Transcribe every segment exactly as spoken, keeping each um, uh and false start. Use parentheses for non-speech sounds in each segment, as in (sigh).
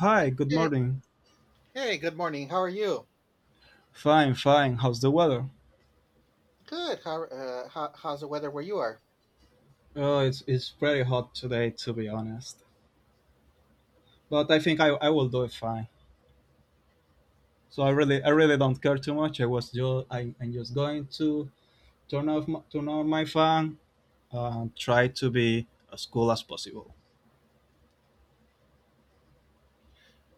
Hi, good Hey, morning. hey, good morning. How are you? Fine, fine. How's the weather? Good. How, uh, how how's the weather where you are? Oh, it's it's pretty hot today, to be honest. But I think I, I will do it fine. So I really I really don't care too much. I was just I, I'm just going to turn off my, turn on my fan and try to be as cool as possible.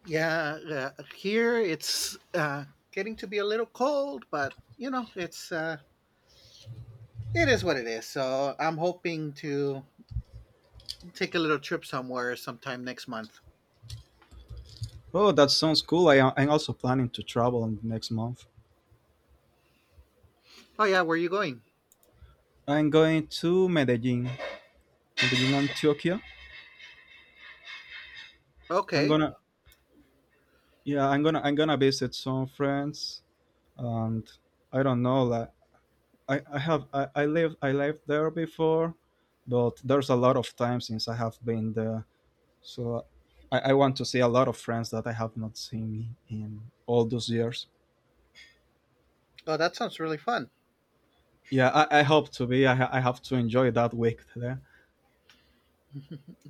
Yeah, uh, here it's uh, getting to be a little cold, but you know, it's uh, it is what it is. So I'm hoping to take a little trip somewhere sometime next month. Oh, that sounds cool. I am- I'm also planning to travel in the next month. Oh yeah, where are you going? I'm going to Medellin, Medellin, Antioquia. I'm Okay. gonna yeah I'm gonna I'm gonna visit some friends and I don't know, like I, I have I, I lived I lived there before, but there's a lot of time since I have been there. So I, I want to see a lot of friends that I have not seen in all those years. Oh, that sounds really fun. Yeah, I, I hope to be. I, ha- I have to enjoy that week there.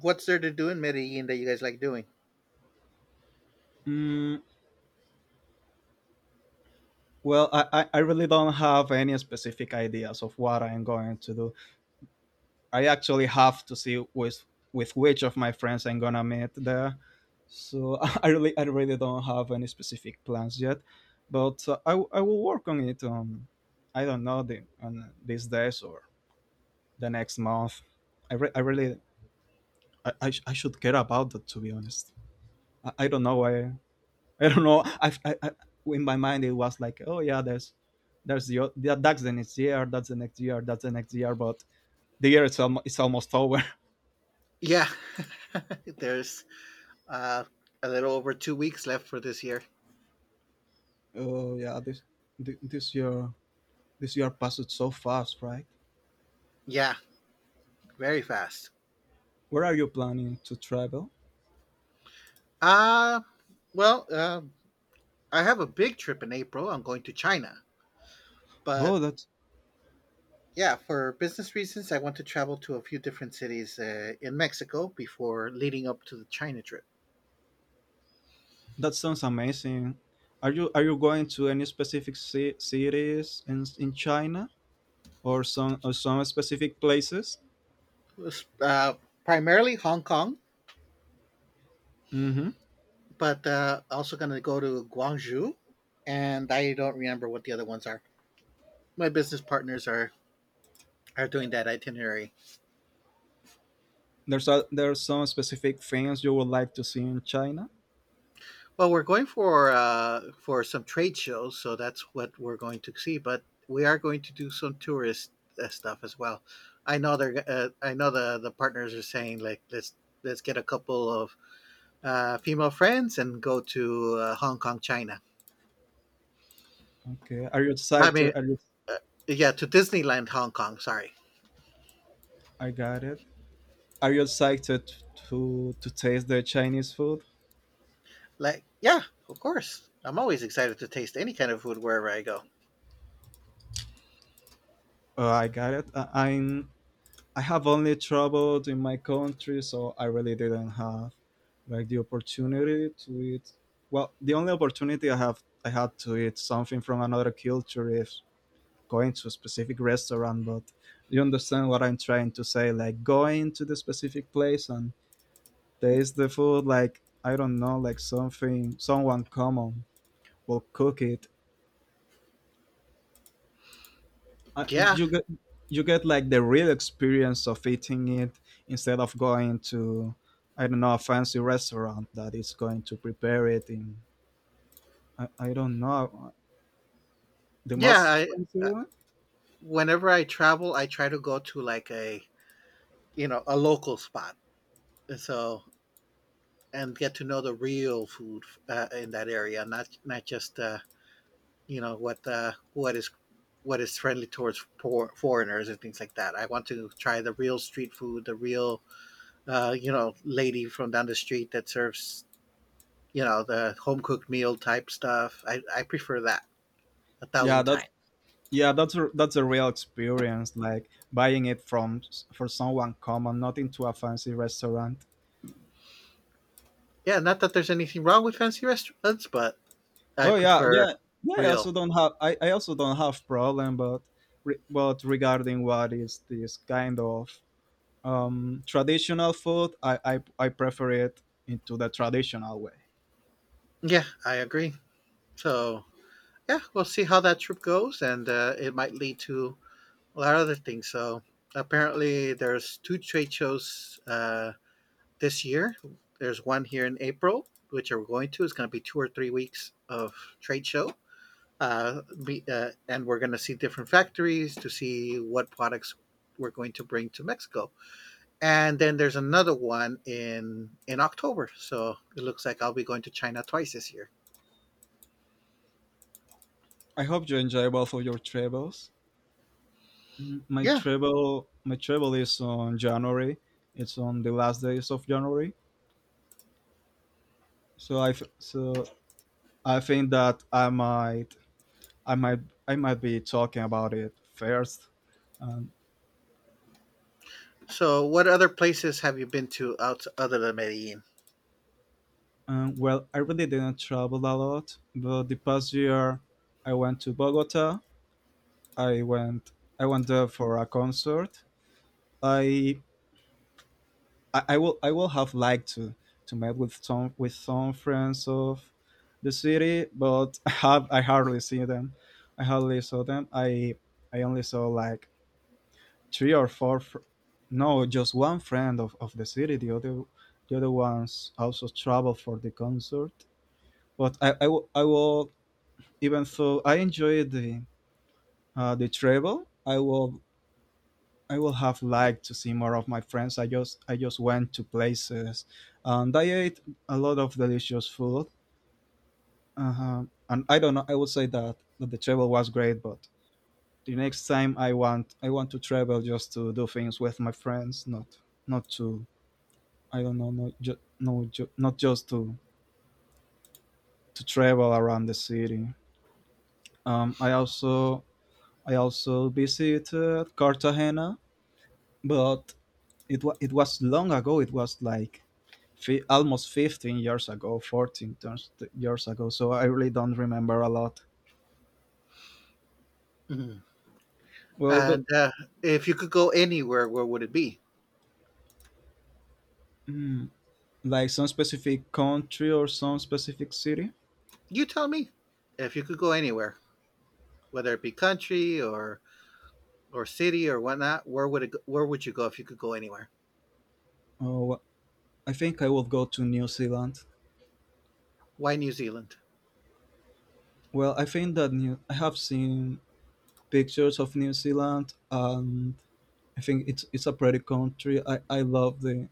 What's there to do in Medellin that you guys like doing? Mm, well, I, I, I really don't have any specific ideas of what I am going to do. I actually have to see with with which of my friends I'm gonna meet there. So (laughs) I really I really don't have any specific plans yet, but uh, I w- I will work on it. Um, I don't know the on these days or the next month. I re- I really I, I, sh- I should care about that, to be honest. I, I don't know why. I don't know. I, I, I In my mind, it was like, oh yeah, there's there's the o- that, that's the next year that's the next year that's the next year, but the year is almost it's almost over. Yeah, (laughs) there's uh, a little over two weeks left for this year. Oh yeah, this thi- this year this year passed so fast, right? Yeah, very fast. Where are you planning to travel? Uh, well, uh, I have a big trip in April. I'm going to China. But Oh, that yeah, for business reasons, I want to travel to a few different cities uh, in Mexico before leading up to the China trip. that sounds amazing. Are you are you going to any specific ci- cities in in China, or some or some specific places? It's, Uh, Primarily Hong Kong, Mm-hmm. but uh, also going to go to Guangzhou. And I don't remember what the other ones are. My business partners are, are doing that itinerary. There's a, there are some specific things you would like to see in China. Well, we're going for uh, for some trade shows, so that's what we're going to see. But we are going to do some tourist uh, stuff as well. I know they're. Uh, I know the the partners are saying like let's let's get a couple of uh, female friends and go to uh, Hong Kong, China. Okay. Are you I mean, excited? Are you? uh, yeah, to Disneyland, Hong Kong. Sorry. I got it. Are you excited to to taste the Chinese food? Like, yeah, of course. I'm always excited to taste any kind of food wherever I go. Oh, I got it. I, I'm I have only traveled in my country, so I really didn't have like the opportunity to eat. Well, the only opportunity I have I had to eat something from another culture is going to a specific restaurant. But you understand what I'm trying to say, like going to the specific place and taste the food. Like, I don't know, like something someone common will cook it. Uh, Yeah, you get you get like the real experience of eating it instead of going to, I don't know, a fancy restaurant that is going to prepare it in, I, I don't know, the yeah. most I, expensive uh, one. Whenever I travel, I try to go to like a you know a local spot. And so and get to know the real food uh, in that area, not not just uh, you know what uh, what is what is friendly towards for foreigners and things like that. I want to try the real street food, the real uh, you know lady from down the street that serves you know the home cooked meal type stuff. I, I prefer that a Yeah, thousand that's times. yeah that's a, that's a real experience, like buying it from s- for someone common, not into a fancy restaurant. Yeah, not that there's anything wrong with fancy restaurants, but I Oh yeah, prefer yeah, yeah. I real. also don't have I, I also don't have problem, but re, but regarding what is this kind of um, traditional food, I, I, I prefer it into the traditional way. Yeah, I agree. So yeah, we'll see how that trip goes, and uh, it might lead to a lot of other things. So apparently, there's two trade shows uh, this year. There's one here in April, which we're going to. It's going to be two or three weeks of trade show, uh, be, uh, and we're going to see different factories to see what products we're going to bring to Mexico. And then there's another one in in October. So it looks like I'll be going to China twice this year. I hope you enjoy both of your travels. Mm, My Yeah. travel my travel is on January. It's on the last days of January. So I f- so I think that I might I might I might be talking about it first. Um, So what other places have you been to out other than Medellin? um, well, I really didn't travel a lot, but the past year I went to Bogota. I went I went there for a concert. I I, I will I will have liked to to meet with some with some friends of the city, but (laughs) I have I hardly see them. I hardly saw them. I I only saw like three or four. Fr- no, just one friend of, of the city. The other the other ones also traveled for the concert. But I I will I will, even though I enjoyed the uh, the travel, I will I would have liked to see more of my friends. I just I just went to places, and I ate a lot of delicious food. Uh-huh. And I don't know. I would say that, that the travel was great, but the next time I want I want to travel just to do things with my friends, not not to I don't know, not ju- no, ju- not just to to travel around the city. Um, I also I also visited Cartagena, but it was it was long ago. It was like fi- almost fifteen years ago, fourteen turns- years ago, so I really don't remember a lot. Mm-hmm. well the, And uh, if you could go anywhere, where would it be? mm, like some specific country or some specific city? You tell me. If you could go anywhere, whether it be country or or city or whatnot, where would it? go- Where would you go if you could go anywhere? Oh well, I think I will go to New Zealand. Why New Zealand? Well, I think that new I have seen pictures of New Zealand, and I think it's it's a pretty country. i i love the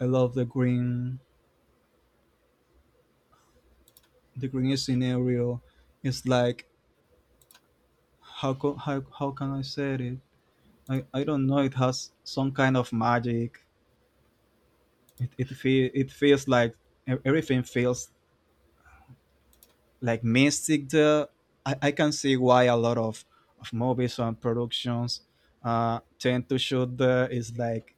I love the green, the green scenario. It's like, how co- how, how can I say it? I, I don't know. It has some kind of magic. It it feel it feels like, e- everything feels like mystic. There, I, I can see why a lot of of movies and productions uh tend to shoot there. It's like,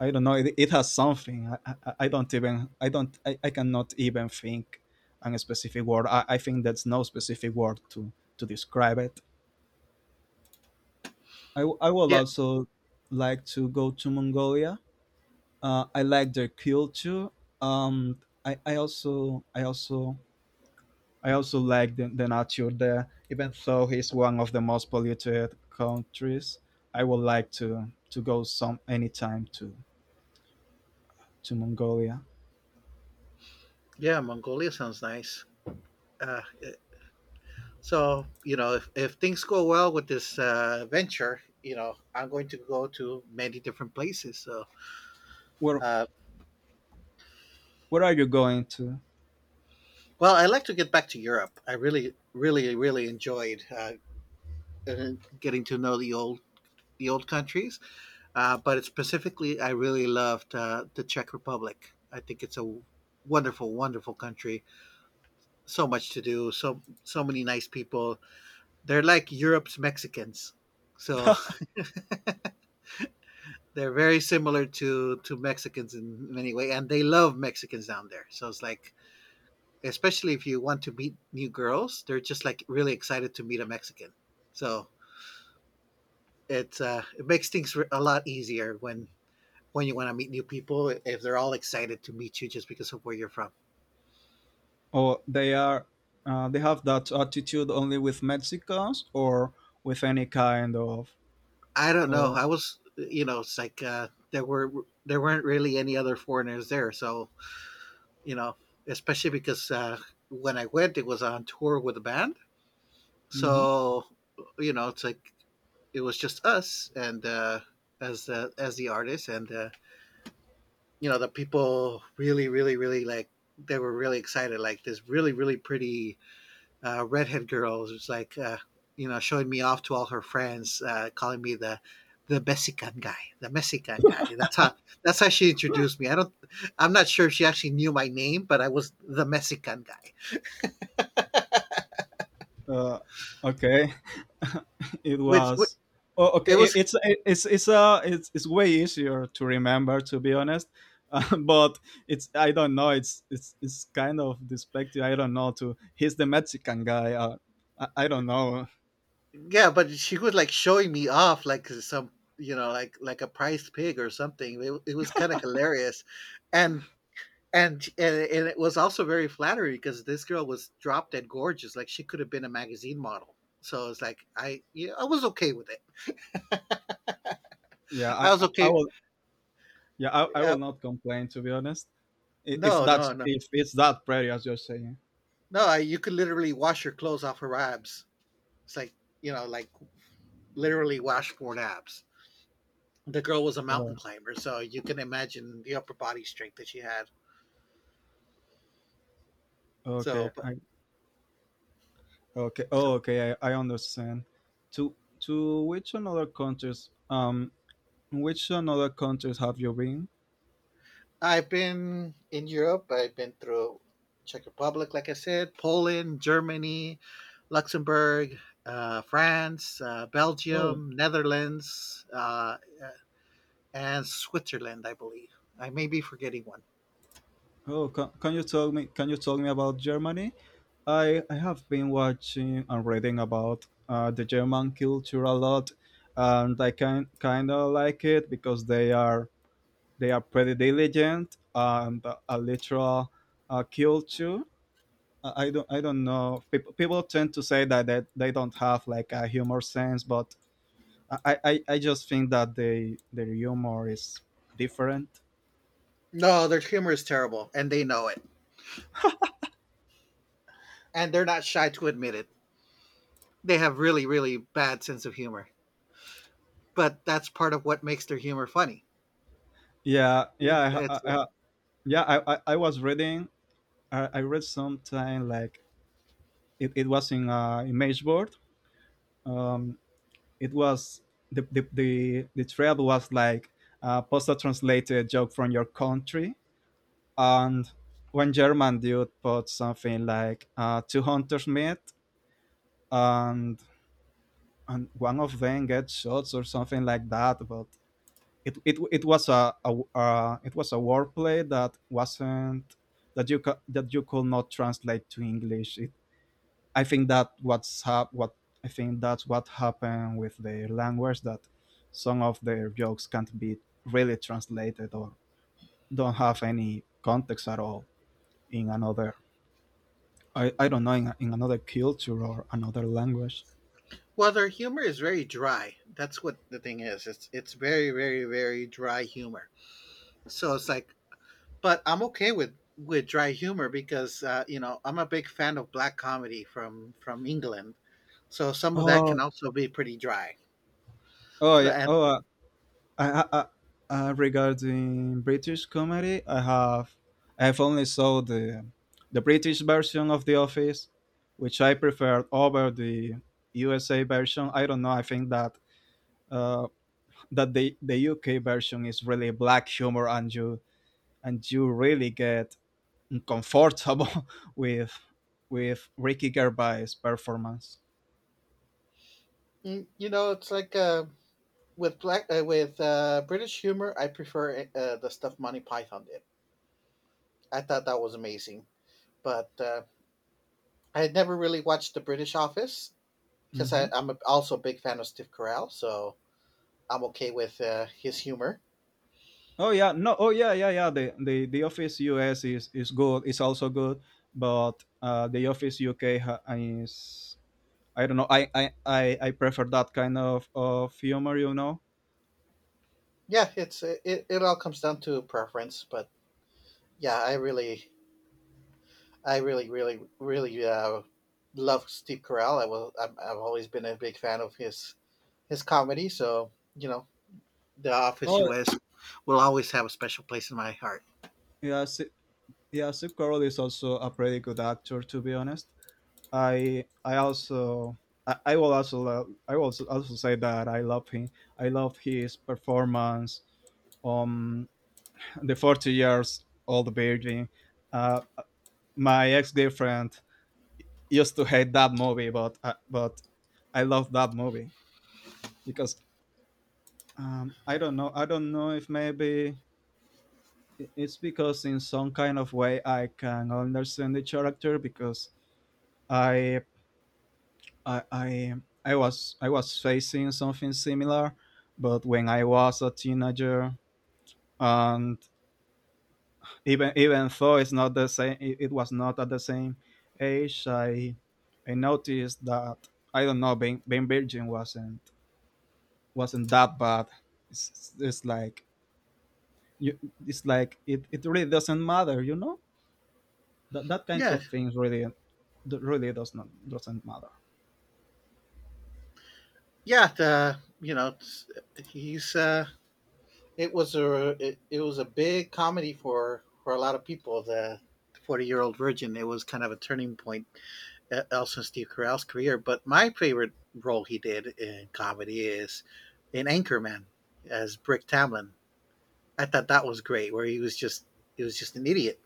I don't know, It, it has something. I, I I don't even I don't I, I cannot even think on a specific word. I, I think that's no specific word to to describe it. I w- I would Yeah, also like to go to Mongolia. Uh, I like their culture. Um, I, I also I also I also like the, the nature there. Even though it's one of the most polluted countries, I would like to to go some anytime to to Mongolia. yeah, Mongolia sounds nice. Uh, it- so you know, if if things go well with this uh, venture, you know, I'm going to go to many different places. So, Where uh, where are you going to? well, I like to get back to Europe. I really, really, really enjoyed uh, uh, getting to know the old the old countries. Uh, but specifically, I really loved uh, the Czech Republic. I think it's a wonderful, wonderful country. So much to do. So so many nice people. They're like Europe's Mexicans. So (laughs) they're very similar to to Mexicans in many ways. And they love Mexicans down there. So it's like, especially if you want to meet new girls, they're just like really excited to meet a Mexican. So it's uh, it makes things a lot easier when when you want to meet new people if they're all excited to meet you just because of where you're from. Or they are uh, they have that attitude only with Mexicans, or with any kind of? I don't know. Oh. I was, you know, it's like uh, there were there weren't really any other foreigners there, so you know, especially because uh, when I went, it was on tour with a band, Mhm. so you know, it's like it was just us and uh, as the as the artist, and uh, you know, the people really, really, really like they were really excited. Like this really, really pretty uh, redhead girl who's like, uh, you know, showing me off to all her friends, uh, calling me the the Mexican guy, the Mexican guy. That's how that's how she introduced me. I don't, I'm not sure if she actually knew my name, but I was the Mexican guy, uh, okay. (laughs) It which, which was oh, it okay, it, was, it's it's it's uh it's, it's way easier to remember, to be honest. Uh, (laughs) but it's, I don't know, it's it's it's kind of despective, I don't know, to he's the Mexican guy. Uh, I, I don't know. yeah. But she was like showing me off, like some, you know, like like a prize pig or something. It, it was kind of hilarious, and and and and it was also very flattering because this girl was drop dead gorgeous. Like she could have been a magazine model. So it's like I yeah, I was okay with it. yeah i I was i, I okay. will yeah I, I Uh, will not complain, to be honest. I- if no, no, that's, no, if it's that pretty as you're saying. no. I, you could literally wash your clothes off her abs. It's like you know, like literally washboard abs. The girl was a Oh, mountain climber, so you can imagine the upper body strength that she had. So, okay. but I Okay. Oh, so, okay. I, I understand. To to which another countries um, which another countries have you been? I've been in Europe. I've been through Czech Republic, like I said, Poland, Germany, Luxembourg, uh, France, uh, Oh, Belgium, Netherlands, uh, and Switzerland, I believe. I may be forgetting one. oh, can, can you tell me? Can you tell me about Germany? I I have been watching and reading about uh, the German culture a lot, and I can kind of like it because they are they are pretty diligent and a literal uh, culture. I I don't I don't know. People people tend to say that they, they don't have like a humor sense, but I, I, I just think that they their humor is different. No, their humor is terrible, and they know it. And they're not shy to admit it. They have really, really bad sense of humor. But that's part of what makes their humor funny. Yeah, It's, yeah, I, I, it's I- yeah. I, I, I was reading, I, I read sometime, like, it, it was in uh, image board. Um, it was the the the, the thread was like, uh, post a postal translated joke from your country, and one German dude put something like, uh, two hunters met, and and one of them gets shots or something like that. But it it, it was a, a uh, it was a wordplay that wasn't that you ca- that you could not translate to English. It I think that what's hap- what I think that's what happened with the language, that some of their jokes can't be really translated, or don't have any context at all in another, I, I don't know, in, in another culture or another language. Well, their humor is very dry. That's what the thing is. It's it's very very very dry humor. So it's like, but I'm okay with with dry humor because uh, you know I'm a big fan of black comedy from from England. So some of that can Oh also be pretty dry. oh yeah And oh uh, I, I, I, uh, regarding British comedy, I have I have only saw the the British version of The Office, which I preferred over the U S A version. I don't know. I think that uh, that the the U K version is really black humor, and you and you really get uncomfortable (laughs) with with Ricky Gervais' performance. mm, you know, it's like uh, with black uh, with uh, British humor, I prefer uh, the stuff Monty Python did. I thought that was amazing. But uh, I had never really watched The British Office because Hmm. I'm a, also a big fan of Steve Carell. So I'm okay with uh, his humor. Oh yeah, no, oh yeah, yeah, yeah. The the the Office U S is is good. It's also good, but uh, the Office U K ha- is, I don't know, I I, I, I prefer that kind of, of humor, you know. Yeah, it's it, it all comes down to preference, but yeah, I really, I really, really, really uh, love Steve Carell. I will, I'm, I've always been a big fan of his his comedy. So you know, The Office Oh U S will always have a special place in my heart. yeah, Si- yeah. Steve Carell is also a pretty good actor, to be honest. I I also I, I will also lo- I will also, also say that I love him. I love his performance, um, the forty years old virgin. Uh, my ex-girlfriend used to hate that movie, but uh, but I love that movie because, um, I don't know, i don't know if maybe i- it's because in some kind of way I can understand the character because I I I, I was I was facing something similar, but when I was a teenager, and even even though it's not the same, it, it was not at the same age. I I noticed that, I don't know, being being virgin wasn't wasn't that bad. It's, it's, it's like, you, it's like it, it really doesn't matter, you know, that that kinds Yeah, of things really, that really does not doesn't matter. yeah, the, you know, he's uh, it was a it, it was a big comedy for for a lot of people. The Forty Year Old Virgin. It was kind of a turning point uh, Elson Steve Carell's career. But my favorite role he did in comedy is in Anchorman as Brick Tamlin. I thought that was great, where he was just he was just an idiot,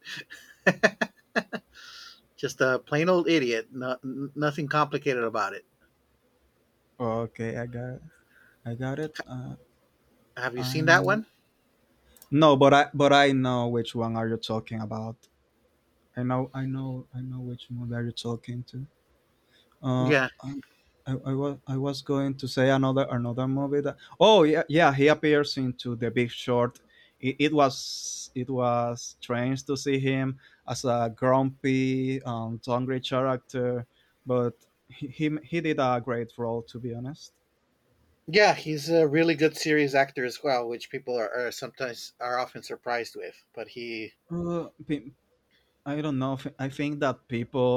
just a plain old idiot, no, nothing complicated about it. Okay, I got it. I got it. Uh, Have you seen that I one? no, but i but i know which one are you talking about. i know i know I know which movie are you talking to. Uh, Yeah, I, I, I was I was going to say another another movie that, oh yeah, yeah, he appears into The Big Short. It, it was it was strange to see him as a grumpy, um, hungry character, but he, he he did a great role, to be honest. yeah, he's a really good serious actor as well, which people are, are sometimes are often surprised with. But he, Uh, pe- I don't know. If- I think that people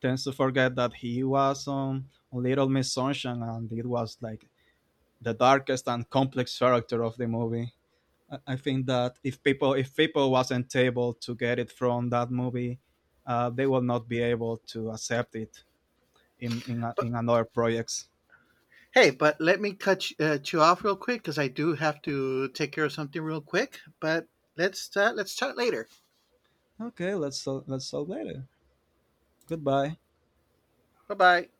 tends to forget that he was on Little Miss Sunshine, and it was like the darkest and complex character of the movie. I- I think that if people if people wasn't able to get it from that movie, uh, they will not be able to accept it in in, but in another projects. hey, but let me cut you, uh, you off real quick because I do have to take care of something real quick. But let's uh, let's chat later. Okay, let's sol- let's solve later. Goodbye. Bye bye.